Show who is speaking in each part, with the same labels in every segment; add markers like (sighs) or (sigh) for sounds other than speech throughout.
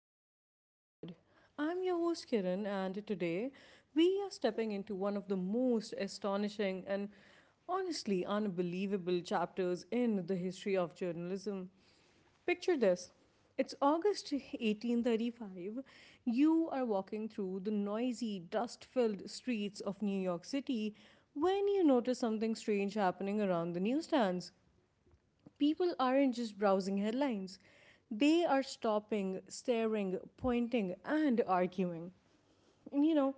Speaker 1: the Open Mind Pod. I'm your host Kiran, and today we are stepping into one of the most astonishing and honestly unbelievable chapters in the history of journalism. Picture this, it's August 1835. You are walking through the noisy, dust filled streets of New York City when you notice something strange happening around the newsstands. People aren't just browsing headlines, they are stopping, staring, pointing, and arguing. And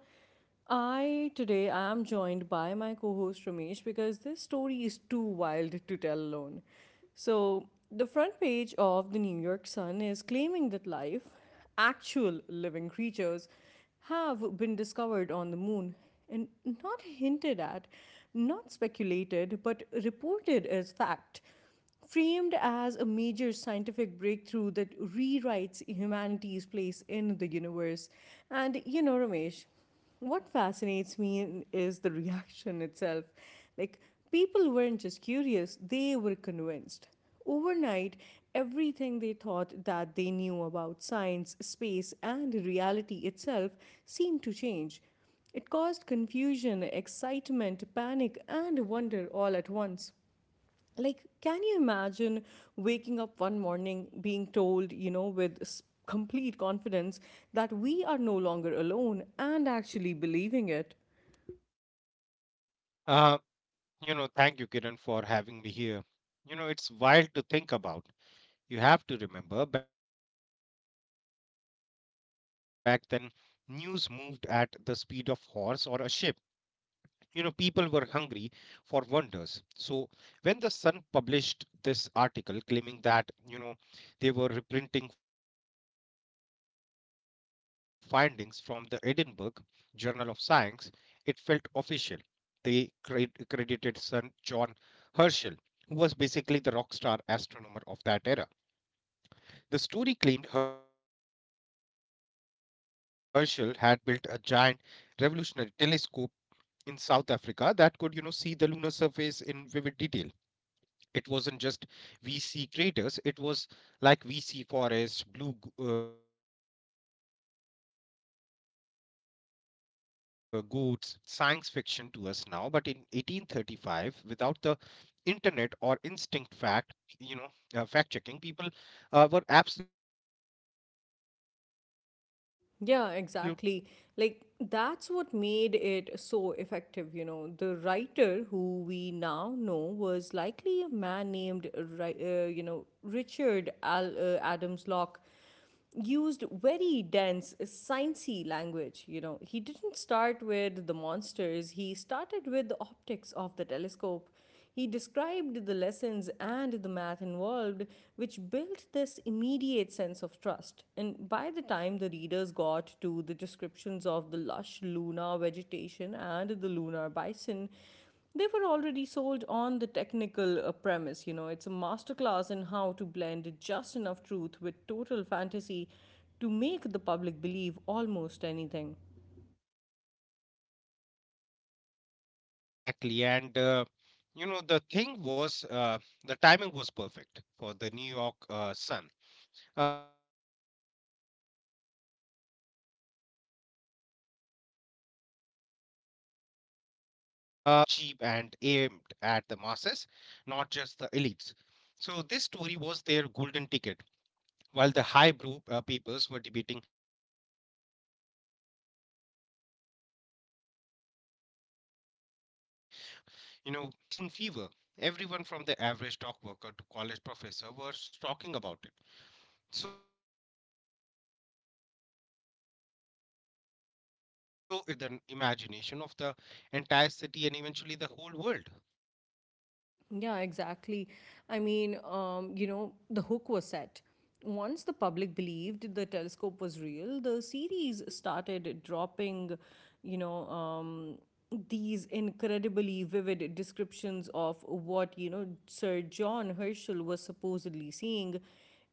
Speaker 1: I today I am joined by my co host Ramesh because this story is too wild to tell alone. So, the front page of the New York Sun is claiming that life, actual living creatures, have been discovered on the moon, and not hinted at, not speculated, but reported as fact, framed as a major scientific breakthrough that rewrites humanity's place in the universe. And Ramesh, what fascinates me is the reaction itself. Like, People weren't just curious, they were convinced. Overnight, everything they thought that they knew about science, space, and reality itself seemed to change. It caused confusion, excitement, panic, and wonder all at once. Like, can you imagine waking up one morning being told, with complete confidence that we are no longer alone and actually believing it?
Speaker 2: Uh, Thank you, Kiran, for having me here. It's wild to think about. You have to remember back then, news moved at the speed of horse or a ship. You know, people were hungry for wonders. So when the Sun published this article claiming that, they were reprinting findings from the Edinburgh Journal of Science, it felt official. They credited Sir John Herschel, who was basically the rock star astronomer of that era. The story claimed Herschel had built a giant revolutionary telescope in South Africa that could, see the lunar surface in vivid detail. It wasn't just we see craters, it was like we see forests, goats, and bipedal beavers. It sounds like science fiction to us now, but in 1835, without the internet or instinct fact, you know, fact checking, people were absolutely hooked from the first paragraph.
Speaker 1: Yeah, exactly. That's what made it so effective, The writer who we now know was likely a man named, Adams Locke, used very dense, sciencey language, He didn't start with the monsters, he started with the optics of the telescope. He described the lessons and the math involved, which built this immediate sense of trust. And by the time the readers got to the descriptions of the lush lunar vegetation and the lunar bison, they were already sold on the technical premise. It's a masterclass in how to blend just enough truth with total fantasy to make the public believe almost anything.
Speaker 2: Exactly. The thing was, the timing was perfect for the New York Sun. They were a penny press paper, meaning they were cheap and aimed at the masses, not just the elites. So this story was their golden ticket. While the highbrow papers were debating politics, the Sun was telling people, they were, you know, poppies and crystals on the moon. It sparked a literal moon fever. Everyone from the average dock worker to college professor was talking about it, so it really set the stage for how a single story can capture the imagination of the entire city and eventually the whole world.
Speaker 1: Yeah, exactly. I mean, the hook was set. Once the public believed the telescope was real, the series started dropping, you know, um, these incredibly vivid descriptions of what, Sir John Herschel was supposedly seeing.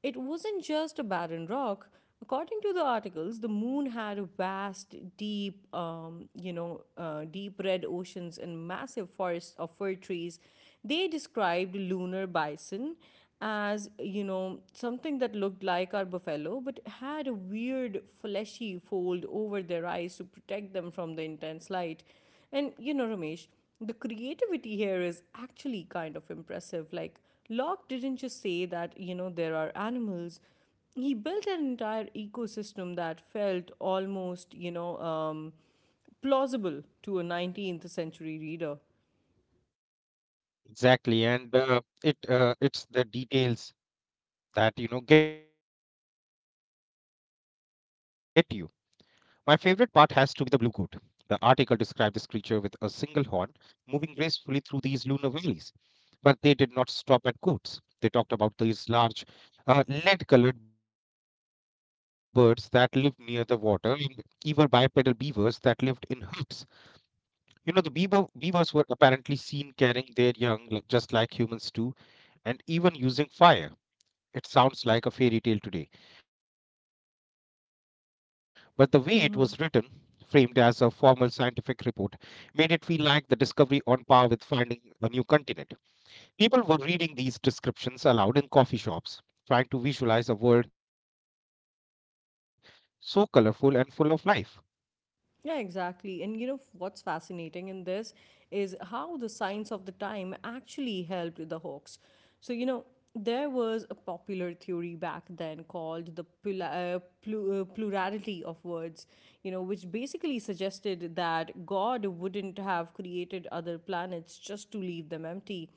Speaker 1: It wasn't just a barren rock. According to the articles, the moon had vast, deep red oceans and massive forests of fir trees. They described lunar bison as, something that looked like our buffalo but had a weird fleshy fold over their eyes to protect them from the intense light. And Ramesh, the creativity here is actually kind of impressive. Like, Locke didn't just say that, there are animals. He built an entire ecosystem that felt almost, plausible to a 19th century reader.
Speaker 2: Exactly, and it's the details that, you know, get you. My favorite part has to be the blue goat. The article described this creature with a single horn, moving gracefully through these lunar valleys. But they did not stop at goats. They talked about these large, lead colored birds that lived near the water, and even bipedal beavers that lived in huts. You know, the beavers were apparently seen carrying their young like- just like humans do, and even using fire. It sounds like a fairy tale today. But the way it was written, framed as a formal scientific report, made it feel like the discovery on par with finding a new continent. People were reading these descriptions aloud in coffee shops, trying to visualize a world so colorful and full of life.
Speaker 1: Yeah, exactly. And what's fascinating in this is how the science of the time actually helped the hoax. So, there was a popular theory back then called the plurality of words, which basically suggested that God wouldn't have created other planets just to leave them empty.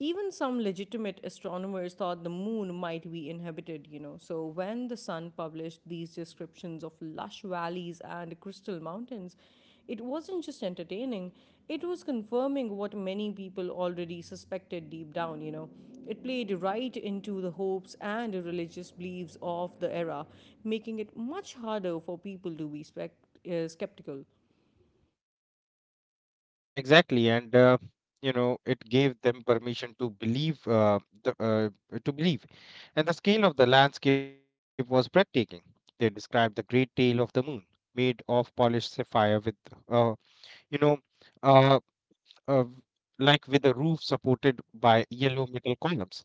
Speaker 1: Even some legitimate astronomers thought the moon might be inhabited, So, when the sun published these descriptions of lush valleys and crystal mountains, it wasn't just entertaining, it was confirming what many people already suspected deep down, It played right into the hopes and religious beliefs of the era, making it much harder for people to be skeptical.
Speaker 2: Exactly, and it gave them permission to believe, to believe, and the scale of the landscape was breathtaking. They described the great tail of the moon, made of polished sapphire, with uh, you know, a uh, like with a roof supported by yellow metal columns.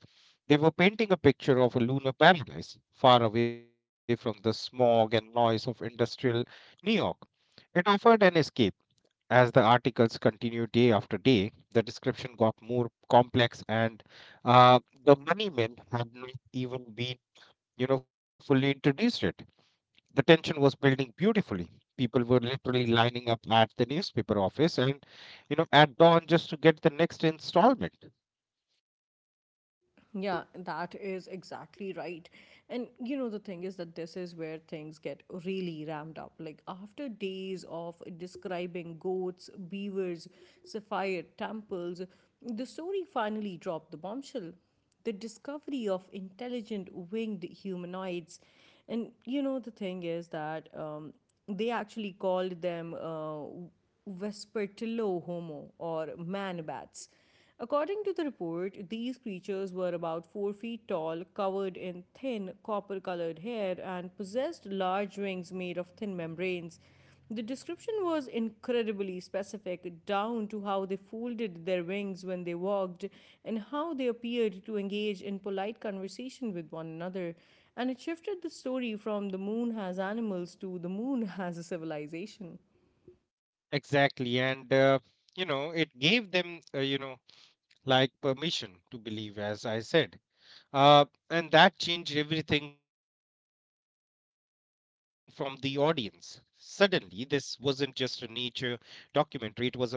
Speaker 2: They were painting a picture of a lunar paradise far away from the smog and noise of industrial New York. It offered an escape. As the articles continued day after day, the description got more complex, and uh, the money men had not even been, fully introduced yet. The tension was building beautifully. People were literally lining up at the newspaper office and, you know, at dawn just to get the next installment.
Speaker 1: Yeah, that is exactly right. And the thing is that this is where things get really ramped up. Like, after days of describing goats, beavers, sapphire temples, the story finally dropped the bombshell: the discovery of intelligent winged humanoids. And you know, the thing is that they actually called them Vespertilio Homo, or man bats. According to the report, these creatures were about 4 feet tall, covered in thin, copper colored hair, and possessed large wings made of thin membranes. The description was incredibly specific, down to how they folded their wings when they walked and how they appeared to engage in polite conversation with one another. And it shifted the story from the moon has animals to the moon has a civilization.
Speaker 2: Exactly. It gave them, like permission to believe, as I said. Uh, and that changed everything from the audience. Suddenly, this wasn't just a nature documentary, it was a full first contract story.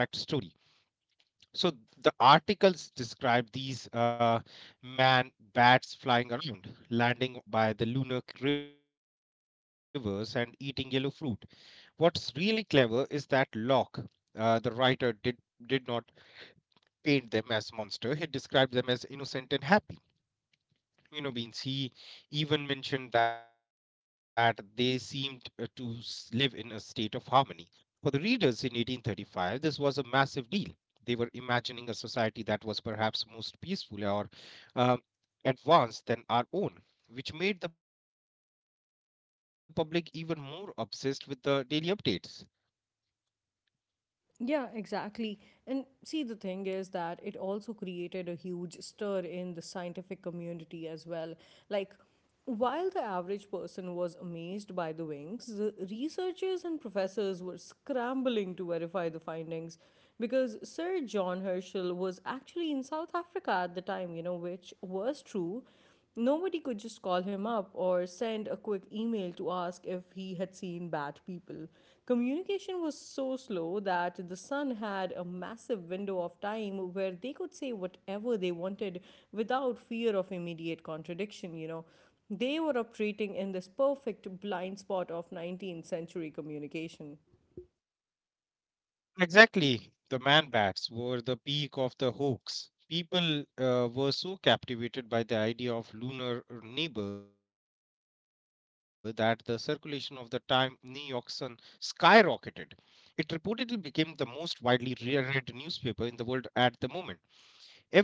Speaker 2: So the articles describe these man bats flying around, landing by the rivers and eating yellow fruit. What's really clever is that Locke, the writer, did not paint them as monster. He described them as innocent and happy. You know, beings. He even mentioned that they seemed live in a state of harmony. For the readers in 1835, this was a massive deal. They were imagining a society that was perhaps most peaceful or um, advanced than our own, which made the public even more obsessed with the daily updates.
Speaker 1: Yeah, exactly. And see, the thing is that it also created a huge stir in the scientific community as well. Like, while the average person was amazed by the wings, the researchers and professors were scrambling to verify the findings because Sir John Herschel was actually in South Africa at the time, which was true. Nobody could just call him up or send a quick email to ask if he had seen bad people. Communication was so slow that the Sun had a massive window of time where they could say whatever they wanted without fear of immediate contradiction, They were operating in this perfect blind spot of 19th century communication.
Speaker 2: Exactly. The man bats were the peak of the hoax. People were so captivated by the idea of lunar neighbor that the circulation of the time New York Sun skyrocketed. It reportedly became the most widely read newspaper in the world at the moment.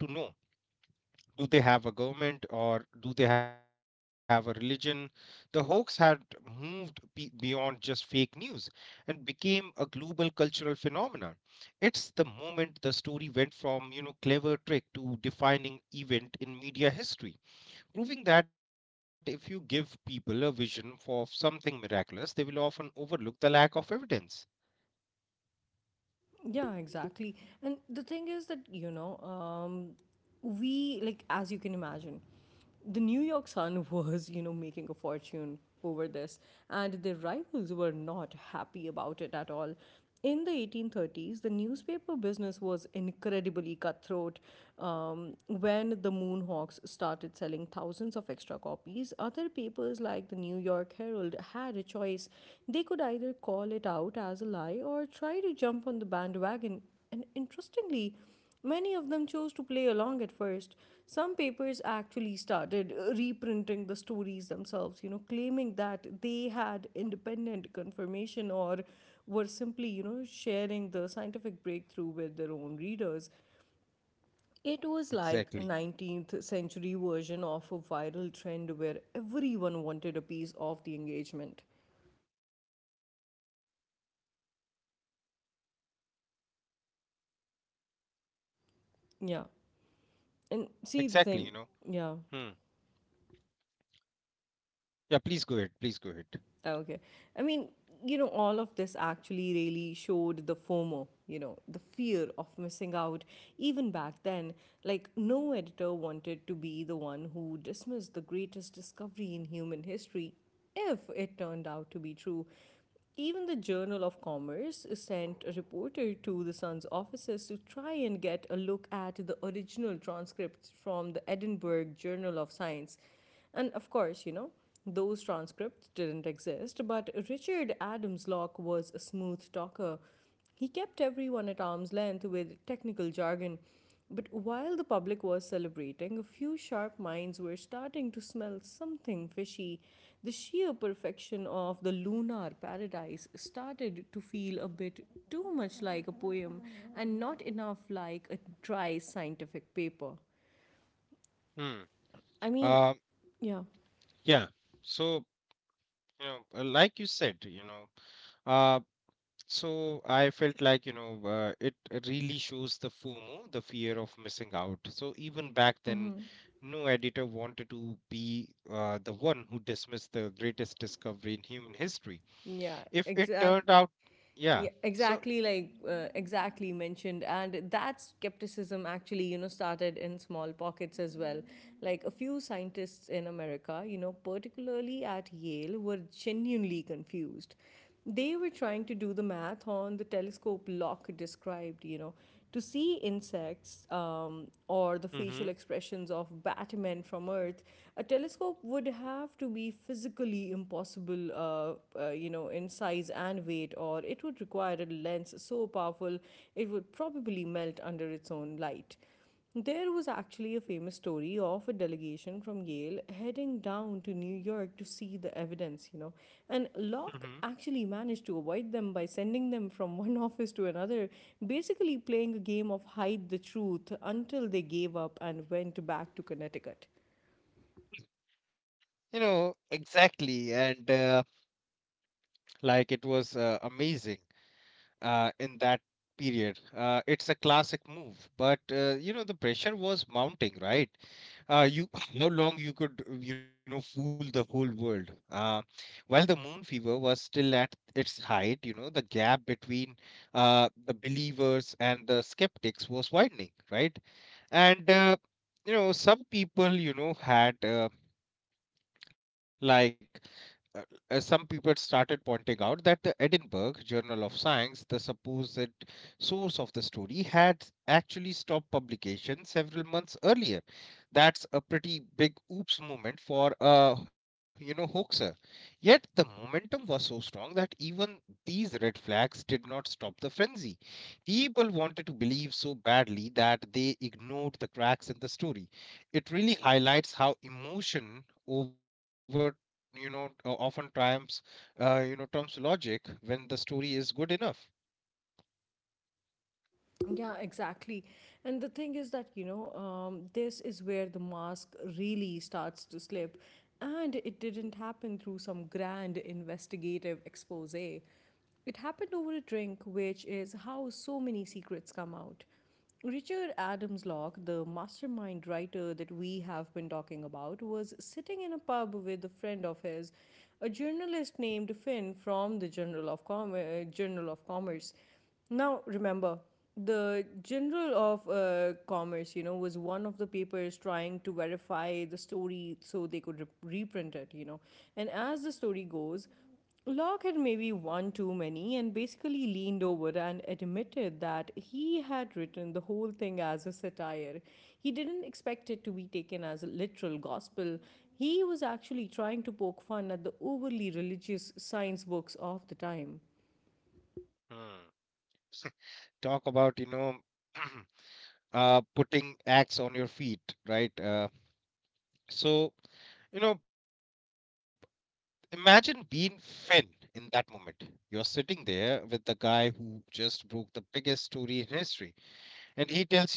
Speaker 2: Everyone wanted to know, do they have a government or do they have a religion? The hoax had beyond just fake news and became a global cultural phenomenon. It's the moment the story went from, you know, clever trick to defining event in media history, proving that if you give people a vision for something miraculous, they will often overlook the lack of evidence.
Speaker 1: Yeah, exactly. And the thing is that, as you can imagine, the New York Sun (laughs) was, making a fortune over this, and their rivals were not happy about it at all. In the 1830s, the newspaper business was incredibly cutthroat. When the Moonhawks started selling thousands of extra copies, other papers like the New York Herald had a choice. They could either call it out as a lie or try to jump on the bandwagon. And interestingly, many of them chose to play along at first. Some papers actually started reprinting the stories themselves, claiming that they had independent confirmation or were simply, sharing the scientific breakthrough with their own readers. It was like a
Speaker 2: Exactly.
Speaker 1: 19th century version of a viral trend where everyone wanted a piece of the engagement. Yeah. And see the
Speaker 2: Exactly, you
Speaker 1: thing.
Speaker 2: know.
Speaker 1: Yeah.
Speaker 2: Hmm. Yeah, please go ahead. Please go ahead.
Speaker 1: Ah, okay. I mean, all of this actually really showed the FOMO, the fear of missing out. Even back then, like, no editor wanted to be the one who dismissed the greatest discovery in human history if it turned out to be true. Even the Journal of Commerce sent a reporter to the Sun's offices to try and get a look at the original transcripts from the Edinburgh Journal of Science. And of course, those transcripts didn't exist, but Richard Adams Locke was a smooth talker. He kept everyone at arm's length with technical jargon, but while the public was celebrating, a few sharp minds were starting to smell something fishy. The sheer perfection of the lunar paradise started to feel a bit too much like a poem and not enough like a dry scientific paper.
Speaker 2: Hmm.
Speaker 1: I mean,
Speaker 2: Uh,
Speaker 1: yeah.
Speaker 2: yeah. So, you know, like you said, you know, uh, So I felt like, it really shows the FOMO, the fear of missing out. So even back then, no editor wanted to be the one who dismissed the greatest discovery in human history.
Speaker 1: Yeah,
Speaker 2: If it
Speaker 1: exact.
Speaker 2: turned out,
Speaker 1: Yeah,
Speaker 2: yeah. So,
Speaker 1: exactly, like exactly mentioned. And that skepticism actually started in small pockets as well. Like, a few scientists in America, particularly at Yale, were genuinely confused. They were trying to do the math on the telescope Lock described. To see insects or the facial
Speaker 2: hmm
Speaker 1: expressions of Batman from Earth, a telescope would have to be physically impossible, in size and weight, or it would require a lens so powerful it would probably melt under its own light. There was actually a famous story of a delegation from Yale heading down to New York to see the evidence, And Locke
Speaker 2: hmm,
Speaker 1: actually managed to avoid them by sending them from one (laughs) office to another, basically playing a game of hide the truth until they gave up and went back to Connecticut.
Speaker 2: you know, exactly. And like it was Amazing in that period. It's a classic move, but, the pressure was mounting, right? You (laughs) how long you could, you know, fool the whole world. While the moon fever was still at its height, you know, the gap between the believers and the skeptics was widening, right? And some people, you know, had like uh, as some people started pointing out that the Edinburgh Journal of Science, the supposed source of the story, had actually stopped publication several months earlier. That's a pretty big oops moment for a, you know, hoaxer. Yet the momentum was so strong that even these red flags did not stop the frenzy. People wanted to believe so badly that they ignored the cracks in the story. It really highlights how emotion over, you know, often triumphs you know trumps logic when the story is good enough.
Speaker 1: Yeah, exactly. And the thing is that, this is where the mask really starts to slip. And it didn't happen through some grand investigative expose. It happened over a drink, which is how so many secrets come out. Richard Adams Locke, the mastermind writer that we have been talking about, was sitting in a pub with a friend of his, a journalist named Finn from the Journal of Commerce. Now, remember, the General of Commerce, was one of the papers trying to verify the story so they could reprint it, And as the story goes, Locke had maybe one too many and basically leaned over and admitted that he had written the whole thing as a satire. He didn't expect it to be taken as a literal gospel. He was actually trying to poke fun at the overly religious science books of the time.
Speaker 2: Hmm. Talk about, you know, (clears throat) putting axe on your feet, right? So you know, imagine being Finn in that moment, you're sitting there with the guy who just broke the biggest story in history,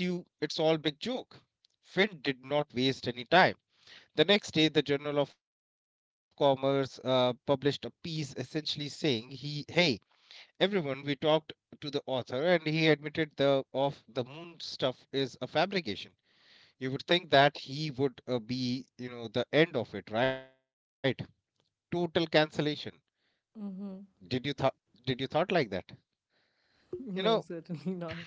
Speaker 2: and he tells you it's all big joke. Finn did not waste any time. The next day, the Journal of Commerce published a piece essentially saying, "He, hey, everyone, we talked to the author, and he admitted the of the moon stuff is a fabrication." You would think that he would, be, you know, the end of it, right? Total cancellation.
Speaker 1: (laughs)
Speaker 2: Did you thought? Did you thought like that? You
Speaker 1: No,
Speaker 2: know,
Speaker 1: certainly not.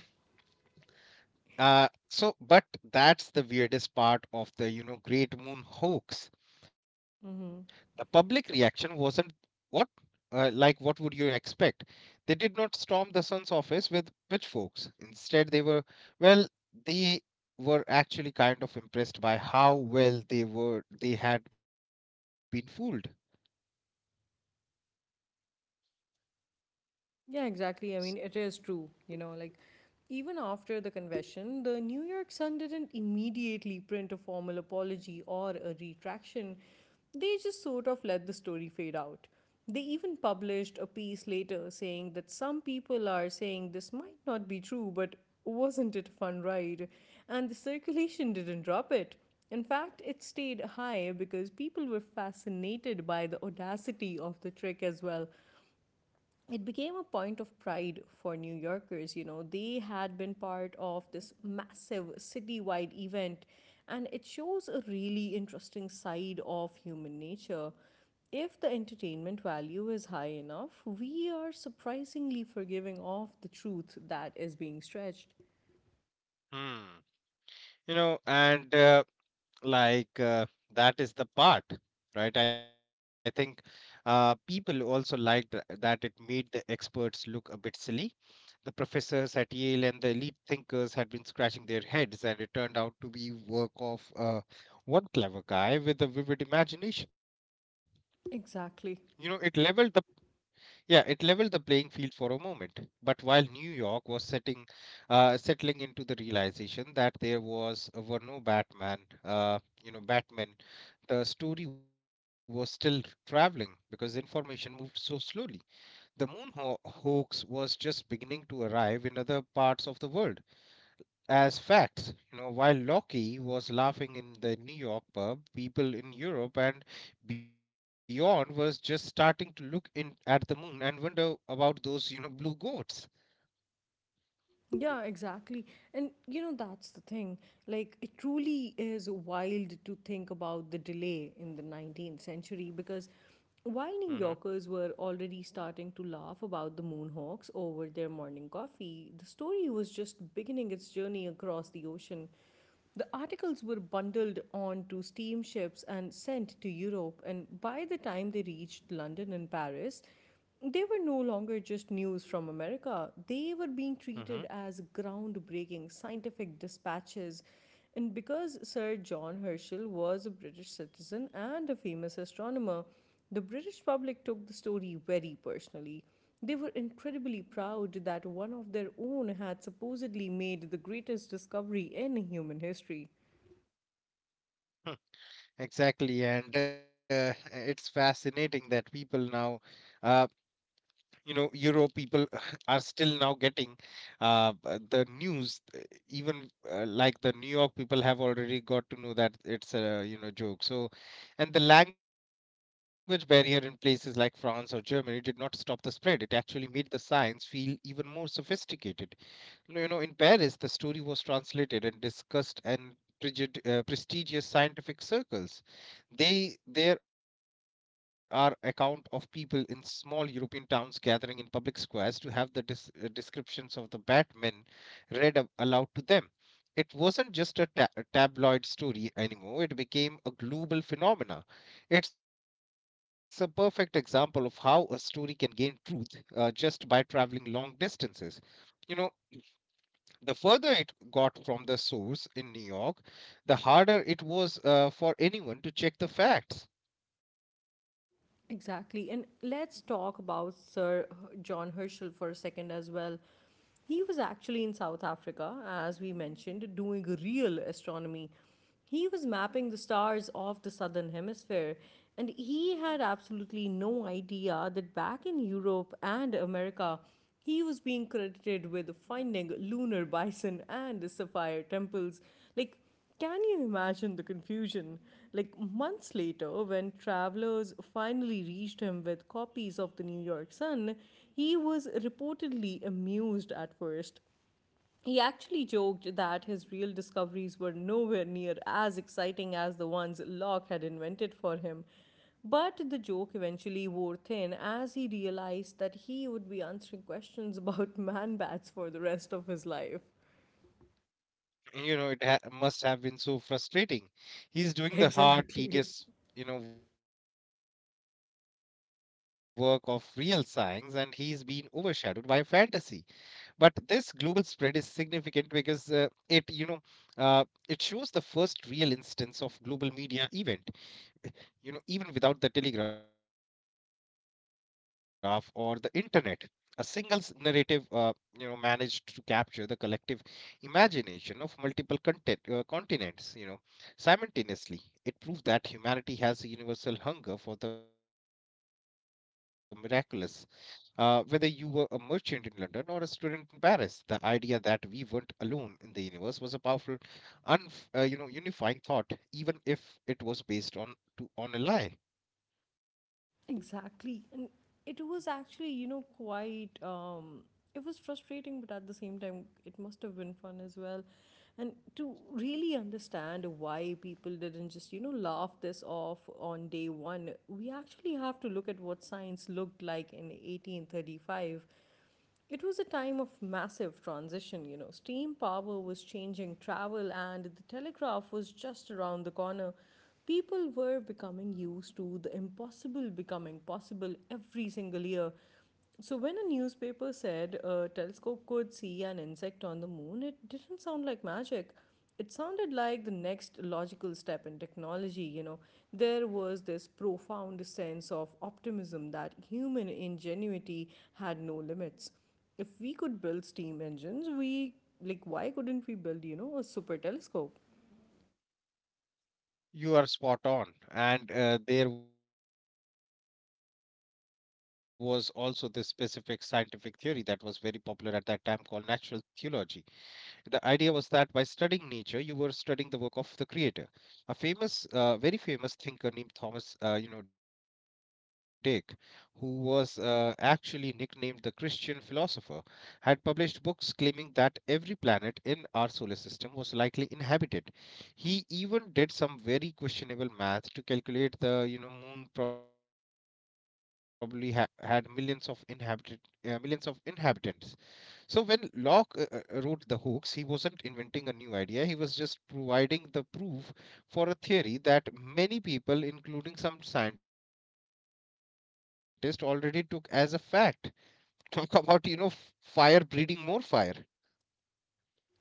Speaker 2: uh, so but that's the weirdest part of the, you know, Great Moon hoax. The
Speaker 1: Mm-hmm.
Speaker 2: public reaction wasn't what, like what would you expect? They did not storm the sun's office with pitchforks. Instead, they were, well, they were actually kind of impressed by how well they had been fooled.
Speaker 1: Yeah, exactly. I mean, it is true. Like even after the confession, the New York Sun didn't immediately print a formal apology or a retraction. They just sort of let the story fade out. They even published a piece later saying that some people are saying this might not be true, but wasn't it a fun ride? And the circulation didn't drop it. In fact, it stayed high because people were fascinated by the audacity of the trick as well. It became a point of pride for New Yorkers. You know, they had been part of this massive citywide event, and it shows a really interesting side of human nature. If the entertainment value is high enough, we are surprisingly forgiving of the truth that is being stretched.
Speaker 2: Hmm. You know, and like that is the part, right? I think people also liked that it made the experts look a bit silly. The professors at Yale and the elite thinkers had been scratching their heads, and it turned out to be work of one clever guy with a vivid imagination. You know, it
Speaker 1: Exactly.
Speaker 2: leveled the Yeah, it leveled the playing field for a moment. But while New York was settling into the realization that there was were no Batman, Batman, the story was still traveling because information moved so slowly. The hoax was just beginning to arrive in other parts of the world as facts. You know, while Loki was laughing in the New York pub, people in Europe and beyond was just starting to look in at the moon and wonder about those, you know, blue goats.
Speaker 1: Yeah, exactly. And you know, that's the thing. Like, it truly is wild to think about the delay in the 19th century because
Speaker 2: Mm-hmm.
Speaker 1: while New Yorkers were already starting to laugh about the Moonhawks over their morning coffee, the story was just beginning its journey across the ocean. The articles were bundled onto steamships and sent to Europe, and by the time they reached London and Paris, they were no longer just news from America. They were being
Speaker 2: Mm-hmm. (laughs)
Speaker 1: treated as groundbreaking scientific dispatches. And because Sir John Herschel was a British citizen and a famous astronomer, the British public took the story very personally. They were incredibly proud that one of their own had supposedly made the greatest discovery in human history.
Speaker 2: Exactly, and it's fascinating that people now, uh, you know, euro people (sighs) (laughs) are still now getting the news, even like the New York people have already got to know that it's a, you know, joke. So and the language barrier in places like France or Germany did not stop the spread, it actually made the science feel even more sophisticated. No, you know, in Paris, the story was translated and discussed in prestigious scientific circles. They there are account of people in small European towns gathering in public squares to have the descriptions of the Batman aloud to them. It wasn't just a, a tabloid story anymore. It became a global phenomena. It's a perfect example of how a story can gain truth just by traveling long distances you know the further it got from the source in New York, the harder it was for anyone to check the facts.
Speaker 1: Exactly. And let's talk about Sir John Herschel for a second as well. He was actually in South Africa, as we mentioned, doing real astronomy. He was mapping the stars of the southern hemisphere, and he had absolutely no idea that back in Europe and America, he was being credited with finding lunar bison and sapphire temples. Like, can you imagine the confusion? Like months later, when travelers finally reached him with copies of the New York Sun, he was reportedly amused at first. He actually joked that his real discoveries were nowhere near as exciting as the ones Locke had invented for him. But the joke eventually wore thin as he realized that he would be answering questions about (laughs) man bats for the rest of his life.
Speaker 2: It must have been so frustrating. He's doing
Speaker 1: (laughs)
Speaker 2: the hard,
Speaker 1: Exactly.
Speaker 2: tedious, work of real science, and he's been overshadowed by a fantasy. But this global spread is significant because uh, it, you know, uh, it shows the first real instance of global media event. You know even without the telegraph or the internet, a single narrative managed to capture the collective imagination of multiple continents simultaneously. It proved that humanity has a universal hunger for the miraculous. Uh, whether you were a merchant in London or a student in Paris, the idea that we weren't alone in the universe was a powerful, un- unifying thought, even if it was based on a lie.
Speaker 1: Exactly. And it was actually, you know, quite, it was frustrating, but at the same time, it must have been fun as well. And to really understand why people didn't just, you know, laugh this off on day one, we actually have to look at what science looked like in 1835. It was a time of massive transition, you know. Steam power was changing travel, and the telegraph was just around the corner. People were becoming used to the impossible becoming possible every single year. So, when a newspaper said a telescope could see an insect on the moon, it didn't sound like magic. It sounded like the next logical step in technology, you know. There was this profound sense of optimism that human ingenuity had no limits. If we could build steam engines, we like why couldn't we build, you know, a super telescope?
Speaker 2: You are spot on. And there was also this specific scientific theory that was very popular at that time, called natural theology. The idea was that by studying nature, you were studying the work of the creator. A very famous thinker named Thomas, Dick, who was actually nicknamed the Christian philosopher, had published books claiming that every planet in our solar system was likely inhabited. He even did some very questionable math to calculate the, moon probably had millions of inhabitants. So when Locke wrote the hoax, he wasn't inventing a new idea. He was just providing the proof for a theory that many people, including some scientists, already took as a fact. (laughs) Talk about, fire breeding more fire.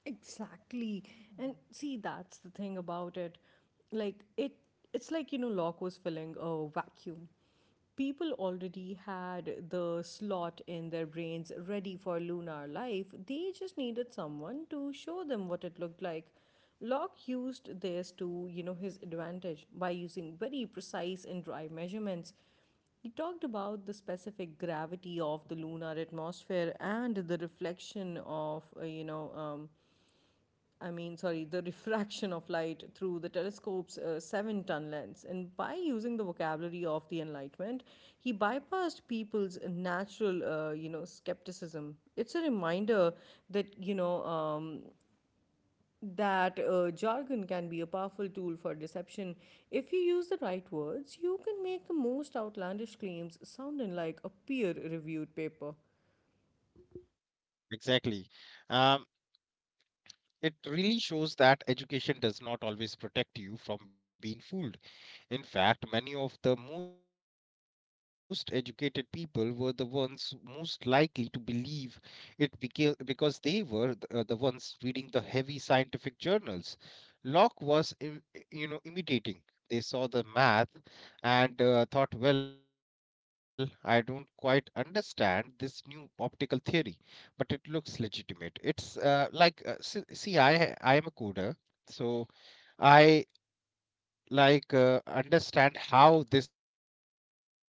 Speaker 1: Exactly. And see, that's the thing about it. Like it's like, you know, Locke was filling a vacuum. People already had the slot in their brains ready for lunar life. They just needed someone to show them what it looked like. Locke used this to, you know, his advantage by using very precise and dry measurements. He talked about the specific gravity of the lunar atmosphere and the reflection of, you know, I mean, sorry, the (laughs) refraction of light through the telescope's seven-ton lens. And by using the vocabulary of the Enlightenment, he bypassed people's natural, you know, skepticism. It's a reminder that, you know, that jargon can be a powerful tool for deception. If you use the right words, you can make the most outlandish claims sounding like a peer reviewed paper.
Speaker 2: Exactly. Um, it really shows that education does not always protect you from being fooled. In fact, many of the most educated people were the ones most likely to believe it, because they were the ones reading the heavy scientific journals. Locke was, imitating. They saw the math and thought, well, I don't quite understand this new optical theory, but it looks legitimate. It's like, see, I, am a coder, so I like understand how this particular thing works. So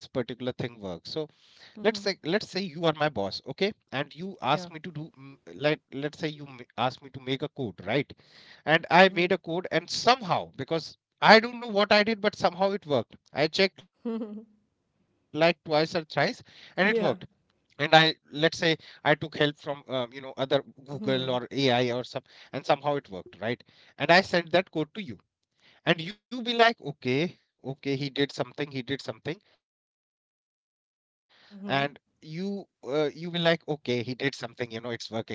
Speaker 2: let's say you are my
Speaker 1: Mm-hmm.
Speaker 2: boss, okay, and you ask me to do,
Speaker 1: Yeah.
Speaker 2: like, let's say you ask me to make a code, right? And I made a
Speaker 1: Mm-hmm.
Speaker 2: code, and somehow, because I don't know what I did, but somehow it worked, I checked like twice or thrice, and it worked. And I,
Speaker 1: Yeah.
Speaker 2: let's say, I took help from, other, Google or AI or some, and somehow it worked, right? And I sent that code to you, and you be like, okay, okay, he did something, he did something. And you be
Speaker 1: Mm-hmm.
Speaker 2: like, okay, he did something, it's working, okay, go ahead.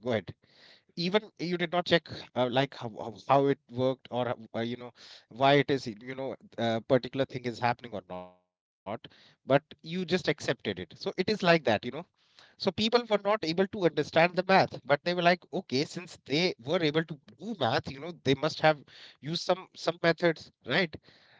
Speaker 2: Even you did not check, like how it worked, or why it is, particular thing is happening or not. But you just accepted it, so it is like that. So people were not able to understand the math, but they were like, okay, since they were able to do math, they must have used some methods, right?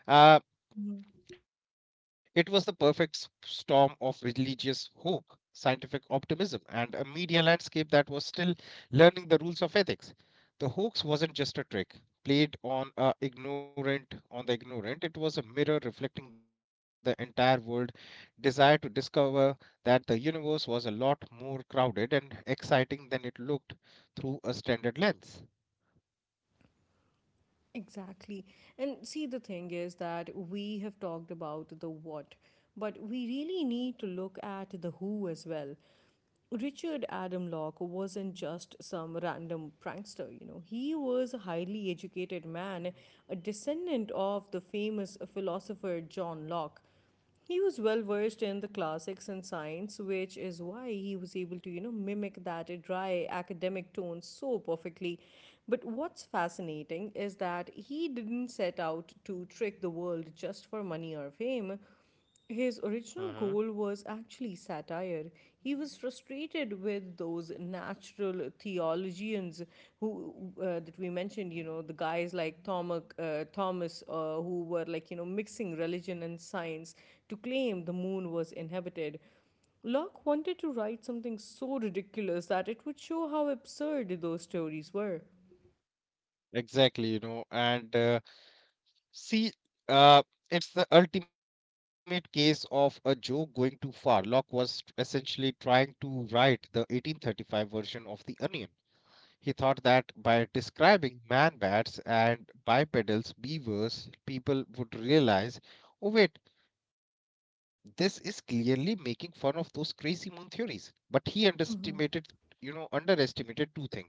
Speaker 2: Uh,
Speaker 1: Mm-hmm.
Speaker 2: it was the perfect storm of religious hope, scientific optimism, and a media landscape that was still learning the rules of ethics. The hoax wasn't just a trick played on the ignorant. It was a mirror reflecting the entire world desire to discover that the universe was a lot more crowded and exciting than it looked through a standard lens.
Speaker 1: Exactly. And see, the thing is that we have talked about the what, but we really need to look at the who as well. Richard Adam Locke wasn't just some random prankster, you know. He was a highly educated man, a descendant of the famous philosopher John Locke. He was well versed in the classics and science, which is why he was able to, you know, mimic that dry academic tone so perfectly. But what's fascinating is that he didn't set out to trick the world just for money or fame. His
Speaker 2: Mm-hmm.
Speaker 1: original goal was actually satire. He was frustrated with those natural theologians who that we mentioned, you know, the guys like Thomas, who were like, you know, mixing religion and science to claim the moon was inhabited. Locke wanted to write something so ridiculous that it would show how absurd those stories were.
Speaker 2: exactly you know and See, uh, it's the ultimate case of a joke going too far. Locke was essentially trying to write the 1835 version of The Onion. He thought that by describing man bats and bipedals, beavers, people would realize, oh, wait, this is clearly making fun of those crazy moon theories. But he underestimated two things: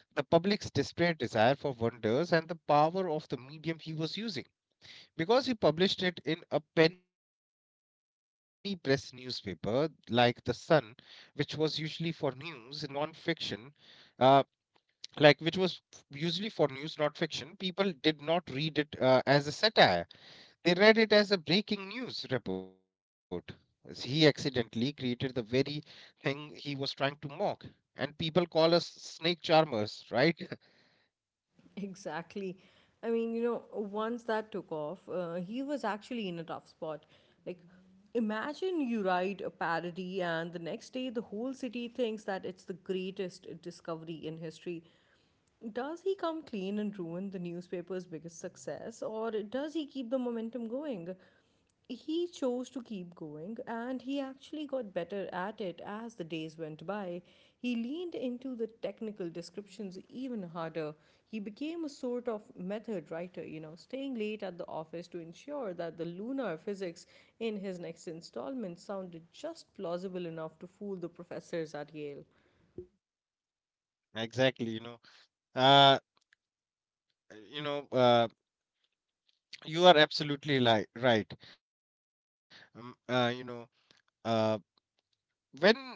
Speaker 2: the public's desperate desire for wonders and the power of the medium he was using. Because he published it in a penny press newspaper like The Sun, which was usually for news, non fiction, uh, like, which was usually for news, not fiction, people did not read it as a satire. They read it as a breaking news report. As He accidentally created the very thing he was trying to mock. And people call us snake charmers, right? (laughs)
Speaker 1: Exactly. I mean, you know, once that took off, he was actually in a tough spot. Like, imagine you write a parody, and the next day the whole city thinks that it's the greatest discovery in history. Does he come clean and ruin the newspaper's biggest success, or does he keep the momentum going? He chose to keep going, and he actually got better at it as the days went by. He leaned into the technical descriptions even harder. He became a sort of method writer, you know, staying late at the office to ensure that the lunar physics in his next installment sounded just plausible enough to fool the professors at Yale.
Speaker 2: Exactly. Uh, you know, uh, you are absolutely right. um, uh, you know uh, when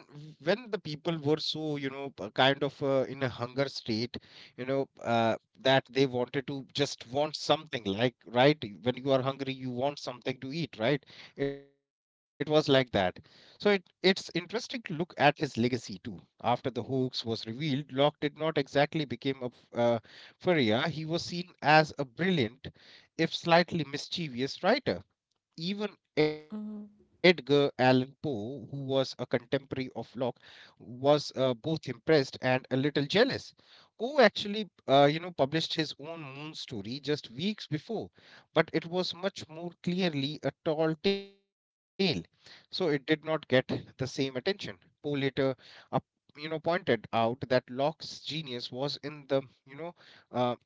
Speaker 2: the people were so, kind of, in a hunger state, you know uh, that they wanted to just want something, like, right, when you are hungry, you want something to eat, right? It was like that. So it, it's interesting to look at his legacy too. After the hoax was revealed, Locke did not exactly become a furrier. He was seen as a brilliant, if slightly mischievous, writer. Even Edgar Allan Poe, who was a contemporary of Locke, was both impressed and a little jealous. Poe actually, published his own moon story just weeks before, but it was much more clearly a tall tale, so it did not get the same attention. Poe later, uh, pointed out that Locke's genius was in the, you know, uh,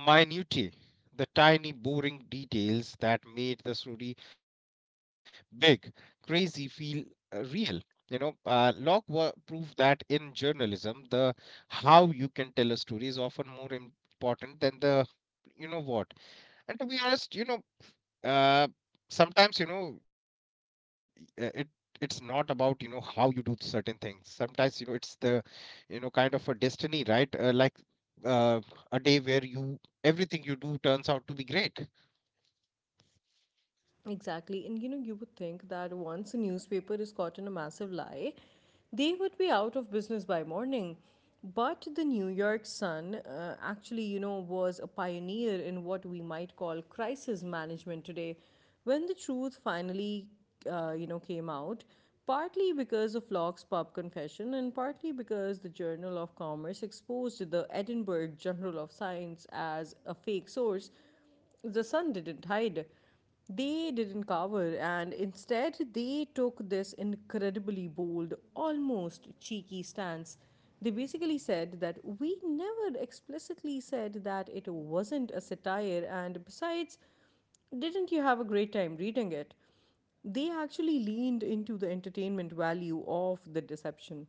Speaker 2: minutiae, the tiny boring details that made the story big, crazy, feel real. Locke proved that in journalism, the how you can tell a story is often more important than the what. And to be honest, uh, sometimes, it, it's not about, how you do certain things. Sometimes, it's the, kind of a destiny, right? Like, uh, a day where you, everything you do turns out to be great.
Speaker 1: Exactly. And you know, you would think that once a newspaper is caught in a massive lie, they would be out of business by morning. But the New York Sun actually, you know, was a pioneer in what we might call crisis management today. When the truth finally, you know, came out, partly because of Locke's pub confession and partly because the Journal of Commerce exposed the Edinburgh Journal of Science as a fake source, the sun didn't hide. They didn't cover, and instead, they took this incredibly bold, almost cheeky stance. They basically said that we never explicitly said that it wasn't a satire, and besides, didn't you have a great time reading it? They actually leaned into the entertainment value of the deception.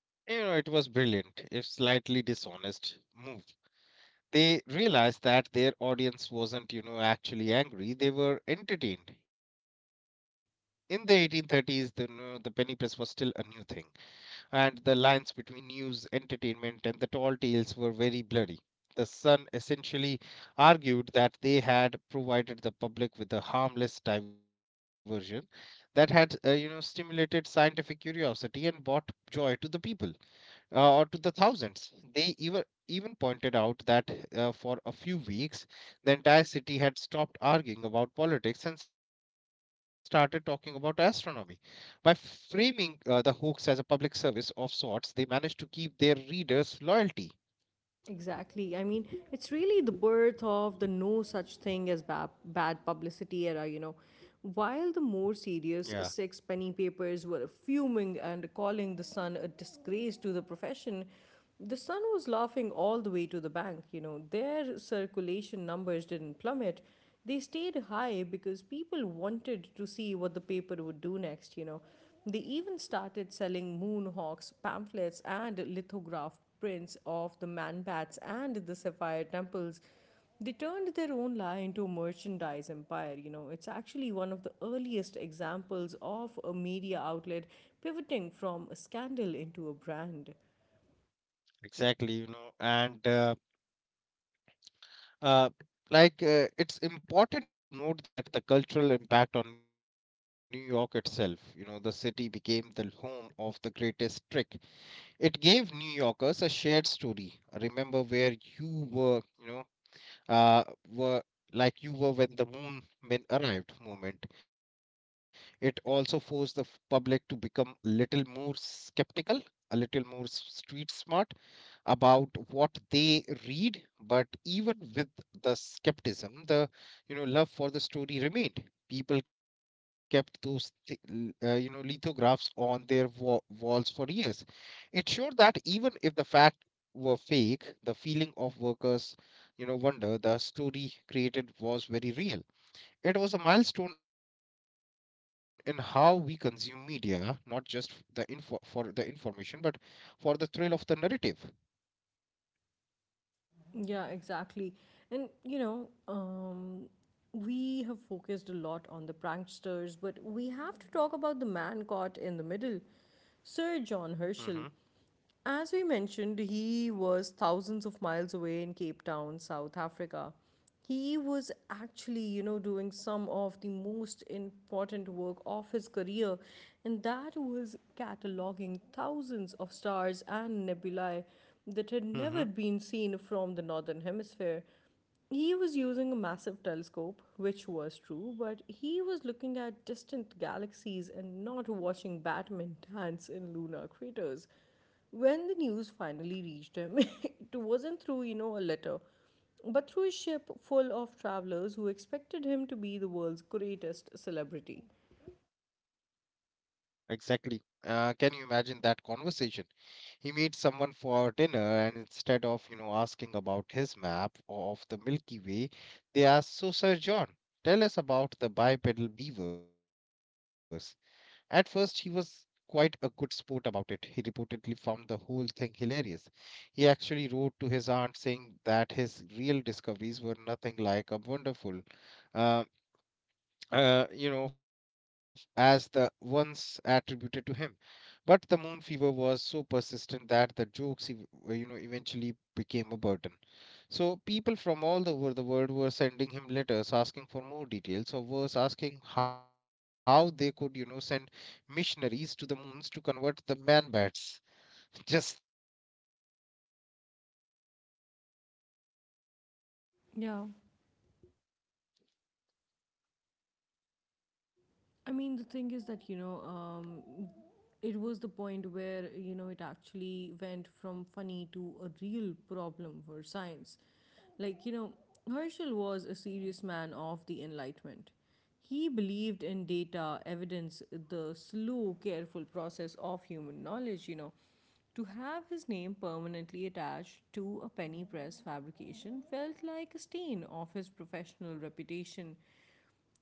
Speaker 2: It was brilliant, if slightly dishonest, move. They realized that their audience wasn't, actually angry, they were entertained. In the 1830s, the penny press was still a new thing, and the lines between news, entertainment, and the tall tales were very blurry. The Sun essentially argued that they had provided the public with a harmless diversion that had, stimulated scientific curiosity and brought joy to the people, or to the thousands. They even pointed out that, for a few weeks, the entire city had stopped arguing about politics and started talking about astronomy. By framing the hoax as a public service of sorts, they managed to keep their readers' loyalty.
Speaker 1: Exactly. I mean, it's really the birth of the no such thing as bad publicity era, you know. While the
Speaker 2: Yeah,
Speaker 1: more serious sixpenny papers were fuming and calling the Sun a disgrace to the profession, the Sun was laughing all the way to the bank, you know. Their circulation numbers didn't plummet. They stayed high because people wanted to see what the paper would do next, you know. They even started selling moonhawks, pamphlets, and lithograph prints of the manbats and the sapphire temples. They turned their own lie into a merchandise empire. You know, it's actually one of the earliest examples of a media outlet pivoting from a scandal into a brand.
Speaker 2: exactly. You know, and uh, like, it's important to note that the cultural impact on New York itself. The city became the home of the greatest trick. It gave New Yorkers a shared story. Remember where you were, uh, were you were when the moon men arrived moment. It also forced the public to become a little more skeptical, a little more street smart about what they read. But even with the skepticism, the love for the story remained. People kept those lithographs on their walls for years. It showed that even if the fact were fake, the feeling of workers, wonder the story created, was very real. It was a milestone in how we consume media, not just f- the info for the information, but for the thrill of the narrative.
Speaker 1: Yeah, exactly. And, you know, we have focused a lot on the pranksters, but we have to talk about the man caught in the middle. Sir
Speaker 2: Mm-hmm.
Speaker 1: John Herschel. As we mentioned, he was thousands of miles away in Cape Town, South Africa. He was actually, you know, doing some of the most important work of his career, and that was cataloging thousands of stars and nebulae that had
Speaker 2: Mm-hmm.
Speaker 1: never been seen from the northern hemisphere. He was using a massive telescope, which was true, but he was looking at distant galaxies and not watching Batman (laughs) dance in lunar craters. When the news finally reached him, (laughs) it wasn't through, you know, a letter, but through a ship full of travelers who expected him to be the world's greatest celebrity.
Speaker 2: Exactly. Can you imagine that conversation? He meets someone for dinner, and instead of, asking about his map of the Milky Way, they ask, so Sir John, tell us about the bipedal beavers. At first, he was quite a good sport about it. He reportedly found the whole thing hilarious. He actually wrote to his aunt saying that his real discoveries were nothing like a wonderful, uh, as the ones attributed to him. But the moon fever was so persistent that the jokes, eventually became a burden. So people from all over the world were sending him letters asking for more details, or was asking how they could, send missionaries to the moons to convert the man bats. (laughs) Just think about that.
Speaker 1: Yeah. I mean, the thing is that, you know, it was the point where, you know, it actually went from funny to a real problem for science. Like, you know, Herschel was a serious man of the Enlightenment. He believed in data, evidence, the slow, careful process of human knowledge, you know. To have his name permanently attached to a penny press fabrication felt like a stain of his professional reputation.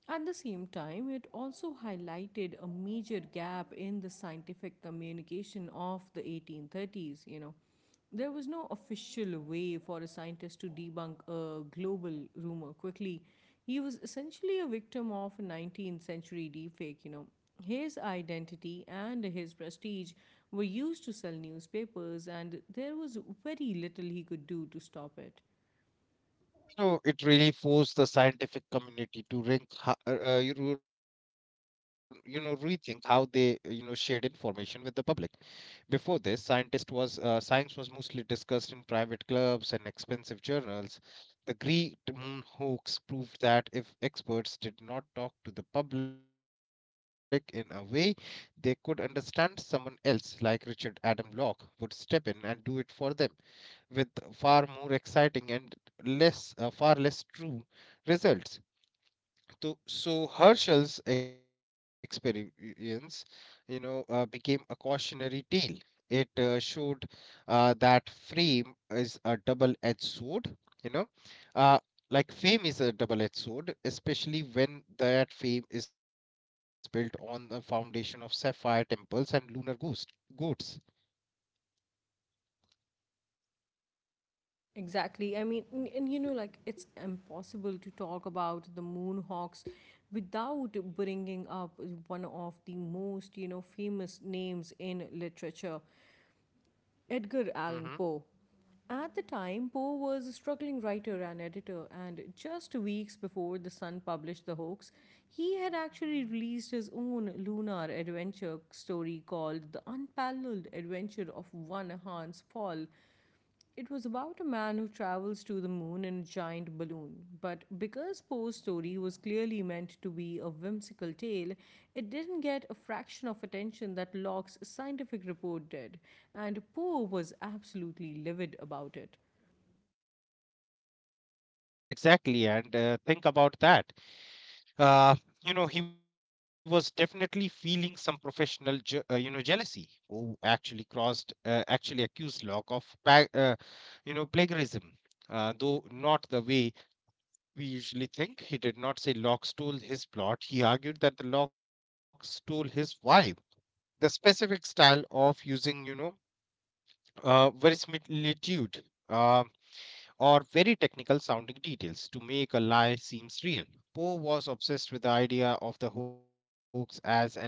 Speaker 1: At the same time, it also highlighted a major gap in the scientific communication of the 1830s, you know. There was no official way for a scientist to debunk a global rumor quickly. He was essentially a victim of a 19th century deepfake, you know. His identity and his prestige were used to sell newspapers, and there was very little he could do to stop it.
Speaker 2: So it really forced the scientific community to rink, ho- you know, rethink how shared information with the public. Before this, scientist was science was mostly discussed in private clubs and expensive journals. The Great Moon hoax proved that if experts did not talk to the public in a way they could understand, someone else like Richard Adam Locke would step in and do it for them with far more exciting and less far less true results So Herschel's experience, became a cautionary tale. It showed that fame is a double-edged sword. You know, uh, like fame is a double-edged sword, especially when that fame is built on the foundation of sapphire temples and lunar ghost goats.
Speaker 1: Exactly. I mean, and you know, like it's impossible to talk about the Moonhawks without bringing up one of the most, you know, famous names in literature, Edgar
Speaker 2: Hmm.
Speaker 1: Allan Poe. At the time, Poe was a struggling writer and editor, and just weeks before The Sun published The Hoax, he had actually released his own lunar adventure story called The Unparalleled Adventure of One Hans Fall. It was about a man who travels to the moon in a giant balloon. But because Poe's story was clearly meant to be a whimsical tale, it didn't get a fraction of attention that Locke's scientific report did, and Poe was absolutely livid about it.
Speaker 2: Exactly, and think about that. Uh, he was definitely feeling some professional, jealousy. Actually accused Locke of, plagiarism. Though not the way we usually think, he did not say Locke stole his plot. He argued that the Locke stole his vibe, the specific style of using, verisimilitude, uh, or very technical sounding details to make a lie seems real. Poe was obsessed with the idea of the hoax as an art form.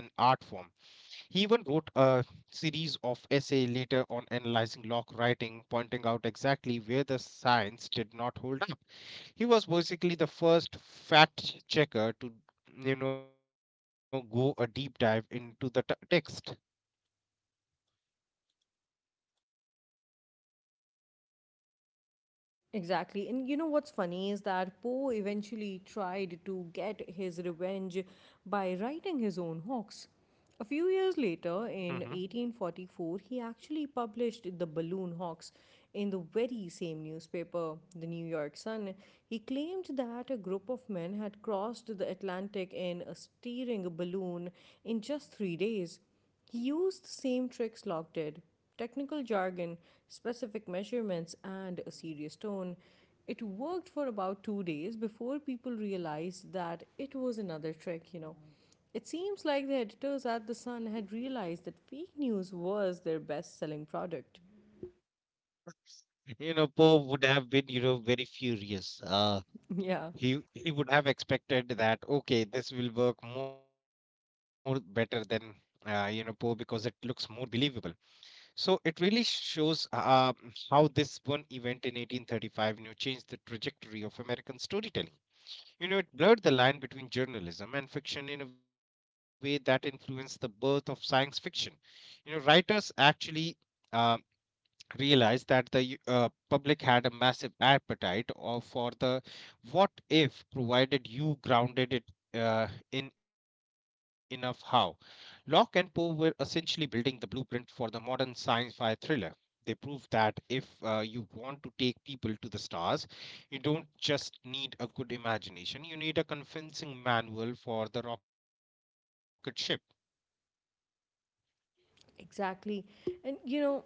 Speaker 2: He even wrote a series of essays later on analyzing Locke writing, pointing out exactly where the science did not hold up. He was basically the first fact checker to go a deep dive into the text.
Speaker 1: Exactly. And you know what's funny is that Poe eventually tried to get his revenge by writing his own hoax. A few years
Speaker 2: Mhm.
Speaker 1: later, in 1844, he actually published the balloon hoax in the very same newspaper, the New York Sun. He claimed that a group of men had crossed the Atlantic in a steering balloon in just 3 days. He used the same tricks Locke did technical jargon, specific measurements, and a serious tone. It worked for about 2 days before people realized that it was another trick. It seems like the editors at The Sun had realized that fake news was their best selling product.
Speaker 2: You know, Poe would have been, you know, very furious. Uh,
Speaker 1: (laughs) Yeah.
Speaker 2: he he would have expected that okay this will work more better than poe because it looks more believable, so it really shows how this one event in 1835, you know, changed the trajectory of american storytelling. You know, it blurred the line between journalism and fiction in a way that influenced the birth of science fiction. You know, writers actually uh, realized that the public had a massive appetite for the what if, provided you grounded it uh, in enough how. Locke and Poe were essentially building the blueprint for the modern science fi thriller. They proved that if you want to take people to the stars, you don't just need a good imagination, you need a convincing manual for the rocket ship.
Speaker 1: Exactly. And you know,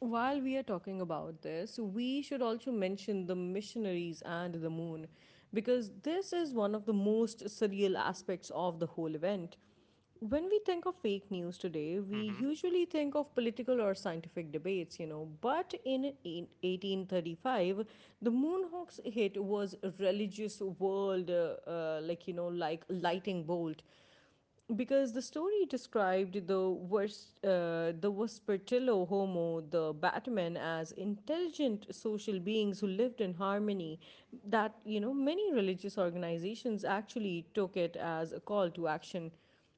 Speaker 1: while we are talking about this, we should also mention the missionaries and the moon because this is one of the most surreal aspects of the whole event. When we
Speaker 2: Hmm.
Speaker 1: think of fake news today, we usually think of political or scientific debates, you know. But in 1835, the moon Moonhawk's hit was a religious world, like lightning bolt because the story described the worst, the Vespertillo Homo, the Batman, as intelligent social beings who lived in harmony. That you know, many religious organizations actually took it as a call to action.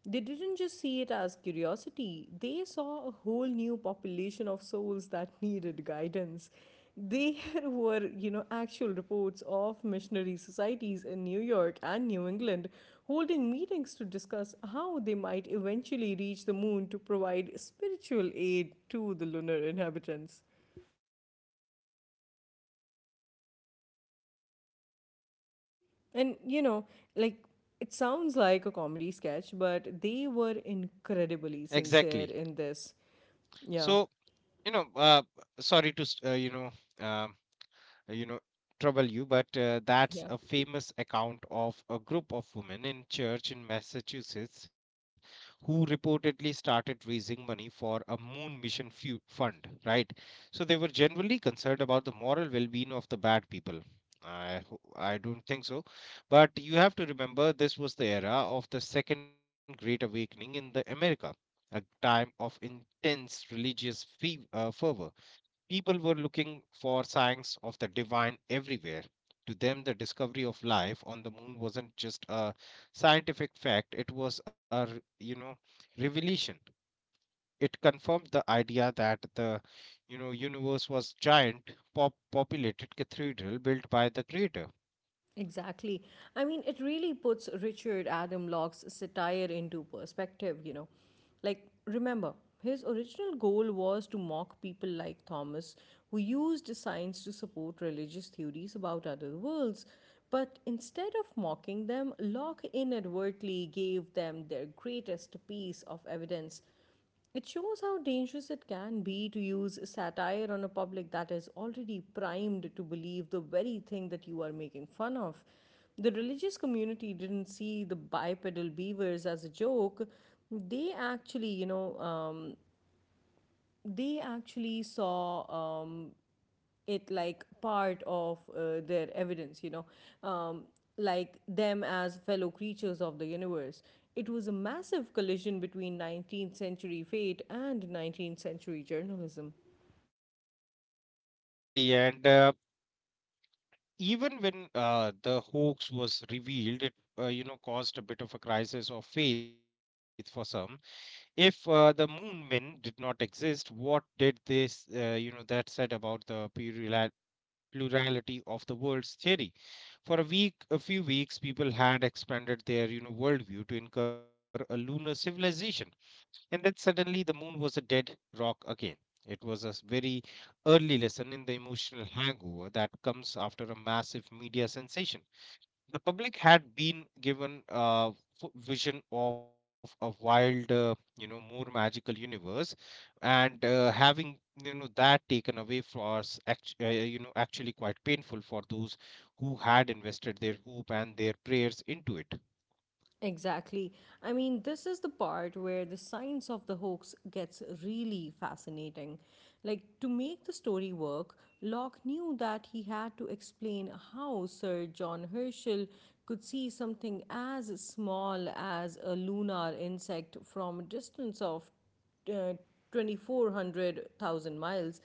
Speaker 1: They didn't just see it as curiosity, they saw a whole new population of souls that (laughs) needed guidance. There (laughs) were, you know, actual reports of missionary societies in New York and New England holding meetings to discuss how they might eventually reach the moon to provide spiritual aid to the lunar inhabitants. And, you know, like it sounds like a comedy sketch, but they were incredibly sincere
Speaker 2: Exactly.
Speaker 1: in this. Yeah.
Speaker 2: So, you know, uh, sorry to, um, uh, you know trouble you, but that's
Speaker 1: Yeah.
Speaker 2: a famous account of a group of women in church in Massachusetts who reportedly started raising money for a moon mission fund, right? So they were generally concerned about the moral well-being of the bad people. I don't think so, but you have to remember this was the era of the second great awakening in the america, a time of intense religious fervor. People were looking for signs of the divine everywhere. To them, the discovery of life on the moon wasn't just a scientific fact, it was a, you know, revelation. It confirmed the idea that the, you know, universe was giant, populated cathedral built by the creator.
Speaker 1: Exactly. I mean, it really puts Richard Adam Locke's satire into perspective, you know. Like, remember, his original goal was to mock people like Thomas, who used science to support religious theories about other worlds. But instead of mocking them, Locke inadvertently gave them their greatest piece of evidence. It shows how dangerous it can be to use satire on a public that is already primed to believe the very thing that you are making fun of. The religious community didn't see the bipedal beavers as a joke. They actually, you know, they actually saw it like part of their evidence, you know, um, like them as fellow creatures of the universe. It was a massive collision between 19th century fate and 19th century journalism.
Speaker 2: Exactly, and even when the hoax was revealed, it you know caused a bit of a crisis of faith for some. If the moon men did not exist, what did this, that said about the plurality of the world's theory? For a week, a few weeks, people had expanded their, you know, worldview to incur a lunar civilization, and then suddenly the moon was a dead rock again. It was a very early lesson in the emotional hangover that comes after a massive media sensation. The public had been given a vision of a wild more magical universe, and having you know that taken away for us actually quite painful for those who had invested their hope and their prayers into it.
Speaker 1: Exactly. I mean, this is the part where the science of the hoax gets really fascinating. Like, to make the story work, Locke knew that he had to explain how Sir John Herschel could see something as small as a lunar insect from a distance of uh, 2400,000 miles.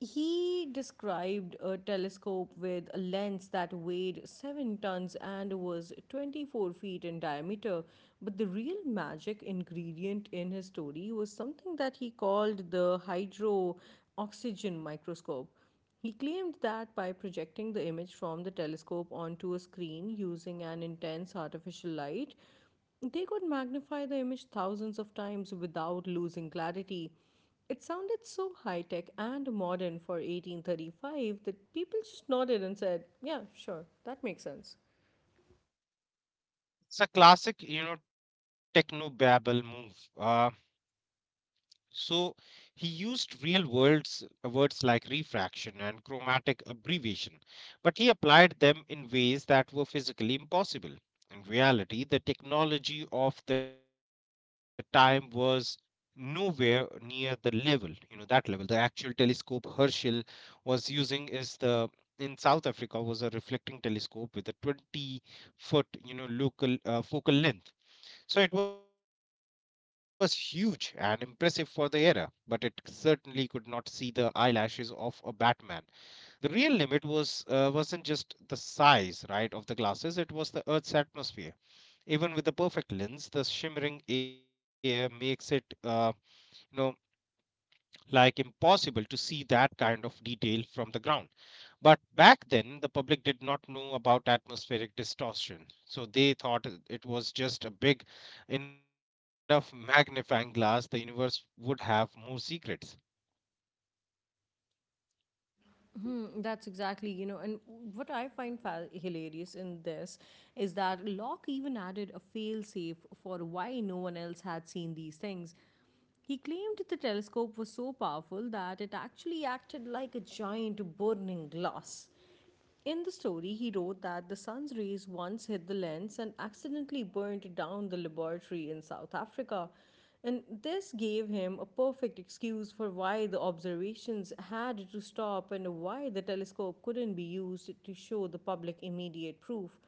Speaker 1: He described a telescope with a lens that weighed 7 tons and was 24 feet in diameter. But the real magic ingredient in his story was something that he called the hydro oxygen microscope. He claimed that by projecting the image from the telescope onto a screen using an intense artificial light, they could magnify the image thousands of times without losing clarity. It sounded so high tech and modern for 1835 that people just nodded and said, "Yeah, sure, that makes sense."
Speaker 2: It's a classic you know techno babble move. Uh, So he used real words words like refraction and chromatic abbreviation, but he applied them in ways that were physically impossible. In reality, the technology of the time was nowhere near the level, you know, that level. The actual telescope Herschel was using is the in South Africa was a reflecting telescope with a 20 foot, you know, local focal length, so it was huge and impressive for the era, but it certainly could not see the eyelashes of a Batman. The real limit was wasn't just the size, right, of the glasses; it was the Earth's atmosphere. Even with the perfect lens, the shimmering air makes it, you know, impossible to see that kind of detail from the ground. But back then, the public did not know about atmospheric distortion. So they thought it was just a big enough magnifying glass, the universe would have more secrets.
Speaker 1: Hmm, that's exactly, you know, and what I find hilarious in this is that Locke even added a failsafe for why no one else had seen these things. He claimed the telescope was so powerful that it actually acted like a giant burning glass. In the story, he wrote that the sun's rays once hit the lens and accidentally burned down the laboratory in South Africa. And this gave him a perfect excuse for why the observations had to stop and why the telescope couldn't be used to show the public immediate proof.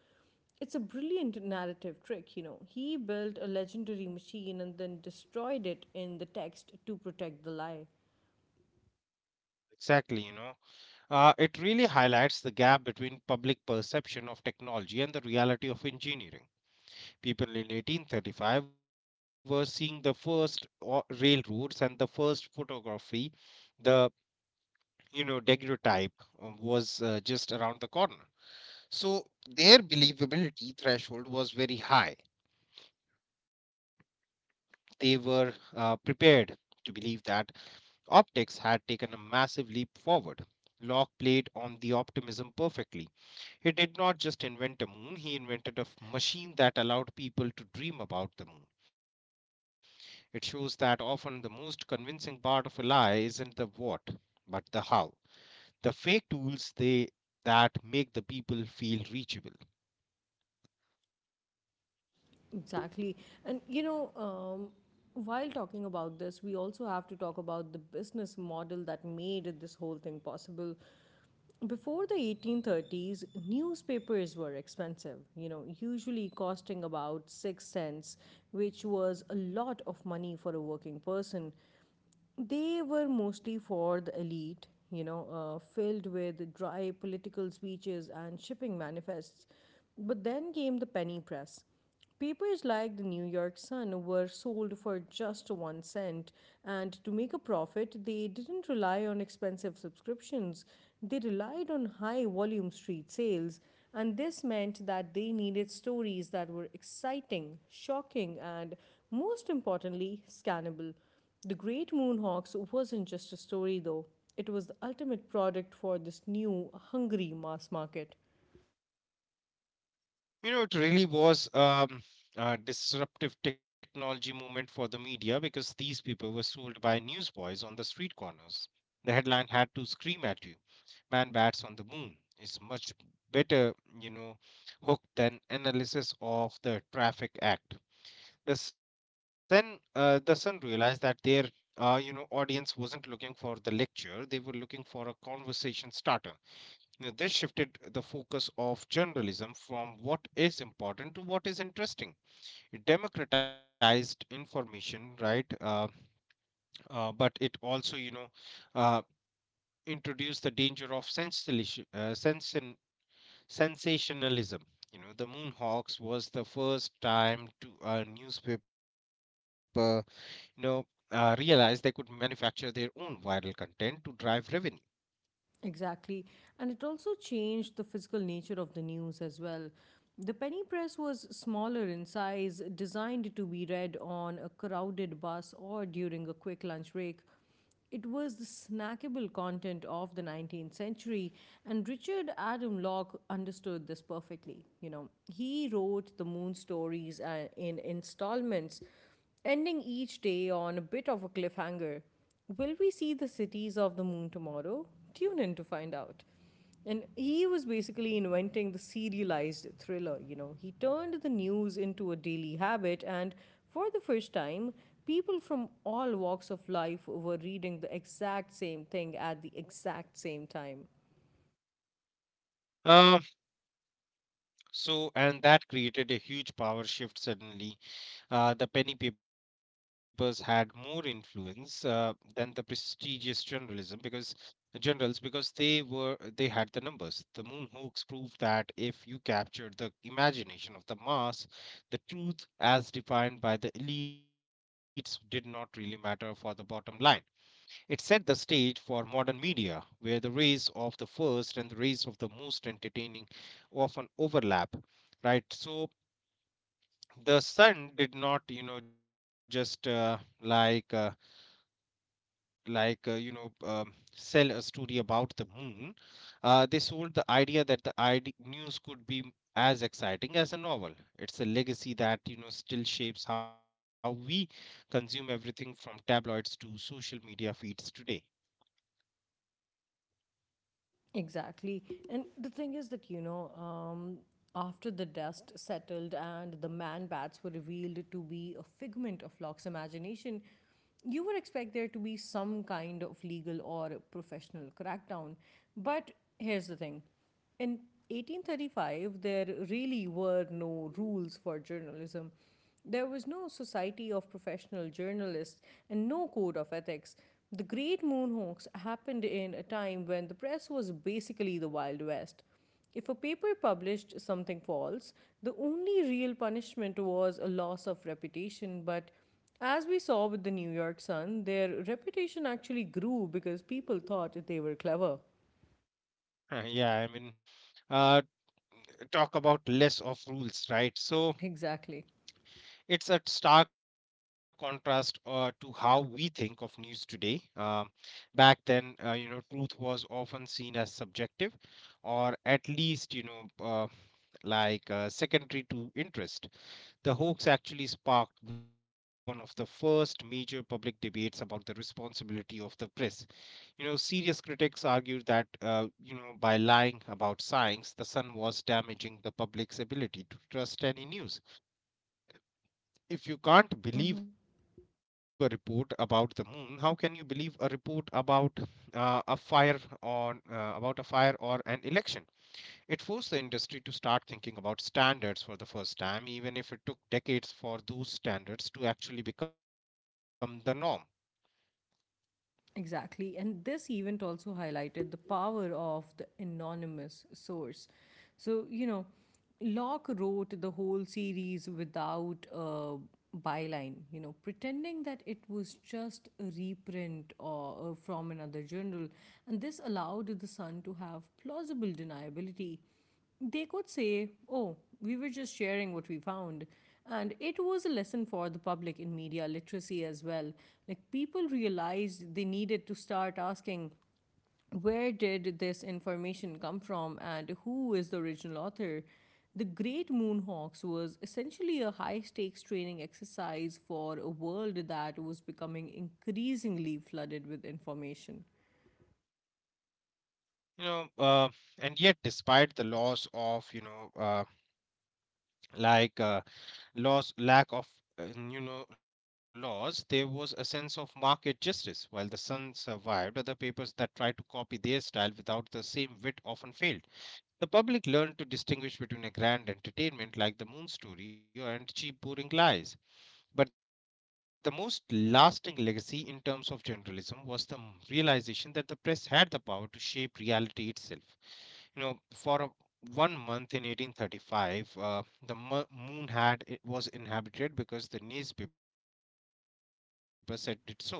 Speaker 1: It's a brilliant narrative trick, you know. He built a legendary machine and then destroyed it in the text to protect the lie.
Speaker 2: Exactly, you know. It really highlights the gap between public perception of technology and the reality of engineering. People in 1835 were seeing the first railroads and the first photography, the, you know, daguerreotype was just around the corner. So their believability threshold was very high. They were prepared to believe that optics had taken a massive leap forward. Locke played on the optimism perfectly. He did not just invent a moon, he invented a machine that allowed people to dream about the moon. It shows that often the most convincing part of a lie isn't the what, but the how. The fake tools they that make the people feel reachable.
Speaker 1: Exactly. And you know, while talking about this, we also have to talk about the business model that made this whole thing possible. Before the 1830s, newspapers were expensive, you know, usually costing about 6 cents, which was a lot of money for a working person they were mostly for the elite, you know, filled with dry political speeches and shipping manifests. But then came the penny press. Papers like the New York Sun were sold for just 1 cent, and to make a profit, they didn't rely on expensive subscriptions. They relied on high volume street sales, and this meant that they needed stories that were exciting, shocking, and most importantly, scannable. The Great Moonhawks wasn't just a story though, it was the ultimate product for this new, hungry mass market.
Speaker 2: You know, it really was a disruptive technology movement for the media because these people were sold by newsboys on the street corners. The headline had to scream at you, Man Bats on the Moon is much better, you know, hook than analysis of the traffic act. The Sun realized that their, you know, audience wasn't looking for the lecture; they were looking for a conversation starter. Now, this shifted the focus of journalism from what is important to what is interesting. It democratized information, right? But it also, uh, introduced the danger of sensation, sensationalism. You know, the Moonhawks was the first time to a newspaper, you know, realized they could manufacture their own viral content to drive revenue.
Speaker 1: Exactly. And it also changed the physical nature of the news as well. The penny press was smaller in size, designed to be read on a crowded bus or during a quick lunch break. It was the snackable content of the 19th century, and Richard Adam Locke understood this perfectly. You know, he wrote the moon stories in installments ending each day on a bit of a cliffhanger. Will we see the cities of the moon tomorrow? Tune in to find out. And he was basically inventing the serialized thriller, you know. He turned the news into a daily habit, and for the first time, people from all walks of life were reading the exact same thing at the exact same time.
Speaker 2: Uh, so, and that created a huge power shift. Suddenly the penny papers had more influence than the prestigious journalism because generals because they had the numbers. The moon hoax proved that if you captured the imagination of the mass, the truth as defined by the elites did not really matter for the bottom line. It set the stage for modern media where the race of the first and the race of the most entertaining often overlap, right? So the sun did not you know just like uh, sell a story about the moon. They sold the idea that the ID news could be as exciting as a novel. It's a legacy that you know still shapes how we consume everything from tabloids to social media feeds today.
Speaker 1: Exactly. And the thing is that, you know, after the dust settled and the man bats were revealed to be a figment of Locke's imagination, you would expect there to be some kind of legal or professional crackdown. But here's the thing in 1835, there really were no rules for journalism. There was no society of professional journalists and no code of ethics. The Great Moonhawks happened in a time when the press was basically the Wild West. If a paper published something false, the only real punishment was a loss of reputation, but as we saw with the New York Sun, their reputation actually grew because people thought they were clever.
Speaker 2: Yeah, I mean, uh, talk about less of rules, right? So
Speaker 1: Exactly.
Speaker 2: it's a stark contrast to how we think of news today. Um back then, you know, truth was often seen as subjective, or at least, uh, secondary to interest. The hoax actually sparked one of the first major public debates about the responsibility of the press. You know, serious critics argued that, you know, by lying about science, the sun was damaging the public's ability to trust any news. If you can't believe a
Speaker 1: Mm-hmm.
Speaker 2: report about the moon, how can you believe a report about a fire on about a fire or an election? It forced the industry to start thinking about standards for the first time, even if it took decades for those standards to actually become the norm.
Speaker 1: Exactly. And this event also highlighted the power of the anonymous source. So, you know, Locke wrote the whole series without a byline, you know, pretending that it was just a reprint or, from another journal. And this allowed the Sun to have plausible deniability. They could say, "Oh, we were just sharing what we found." And it was a lesson for the public in media literacy as well. Like, people realized they needed to start asking, where did this information come from and who is the original author? The Great Moonhawks was essentially a high stakes training exercise for a world that was becoming increasingly flooded with information.
Speaker 2: You know, and yet, despite the laws of, like uh, laws lack of laws, there was a sense of market justice. While the sun survived, other papers that tried to copy their style without the same wit often failed. The public learned to distinguish between a grand entertainment like the moon story and cheap boring lies, but the most lasting legacy in terms of journalism was the realization that the press had the power to shape reality itself. You know, for a, one month in 1835, moon had it was inhabited because the newspaper said it so.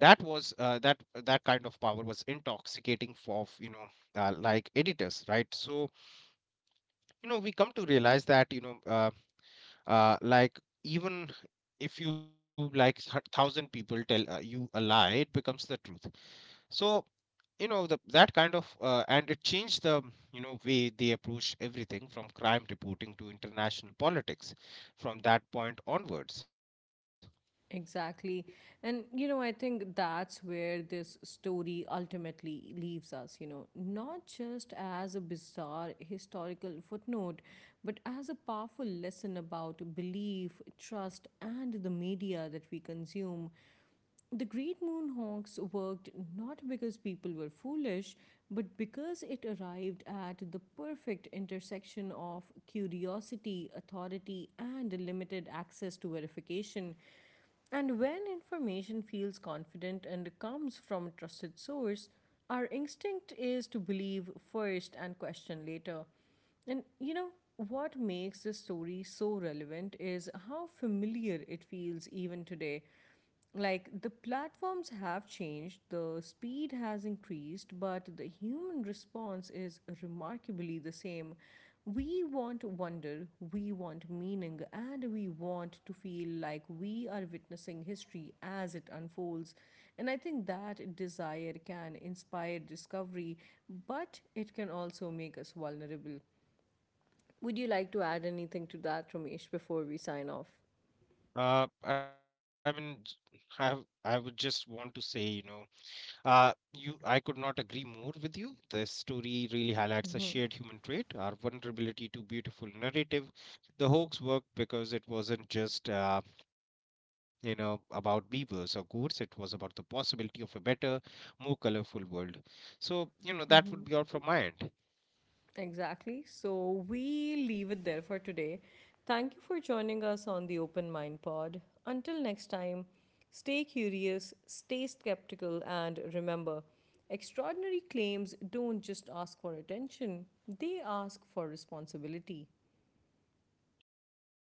Speaker 2: That kind of power was intoxicating for of, you know editors, right? So you know we come to realize that you know. Uh, like Even if you like thousand people tell you a lie it becomes the truth. So you know the that kind of and it changed the you know way they approach everything from crime reporting to international politics from that point onwards.
Speaker 1: Exactly. And, you know, I think that's where this story ultimately leaves us, you know, not just as a bizarre historical footnote, but as a powerful lesson about belief, trust, and the media that we consume. The Great Moonhawks worked not because people were foolish, but because it arrived at the perfect intersection of curiosity, authority, and limited access to verification. And when information feels confident and comes from a trusted source, our instinct is to believe first and question later. And you know, what makes this story so relevant is how familiar it feels even today. Like the platforms have changed, the speed has increased, but the human response is remarkably the same. We want wonder, we want meaning, and we want to feel like we are witnessing history as it unfolds. And I think that desire can inspire discovery, but it can also make us vulnerable. Would you like to add anything to that, Ramesh, before we sign off?
Speaker 2: Uh, i mean j- i i would just want to say you know I could not agree more with you. This story really highlights a shared human trait, our vulnerability to beautiful narrative. The hoax worked because it wasn't just, you know, about beavers or goats. It was about the possibility of a better, more colorful world. So, you know, that would be all from my end.
Speaker 1: Exactly. So we leave it there for today. Thank you for joining us on the Open Mind Pod. Until next time, stay curious, stay skeptical, and remember extraordinary claims don't just ask for attention, they ask for responsibility.
Speaker 2: Yeah, thank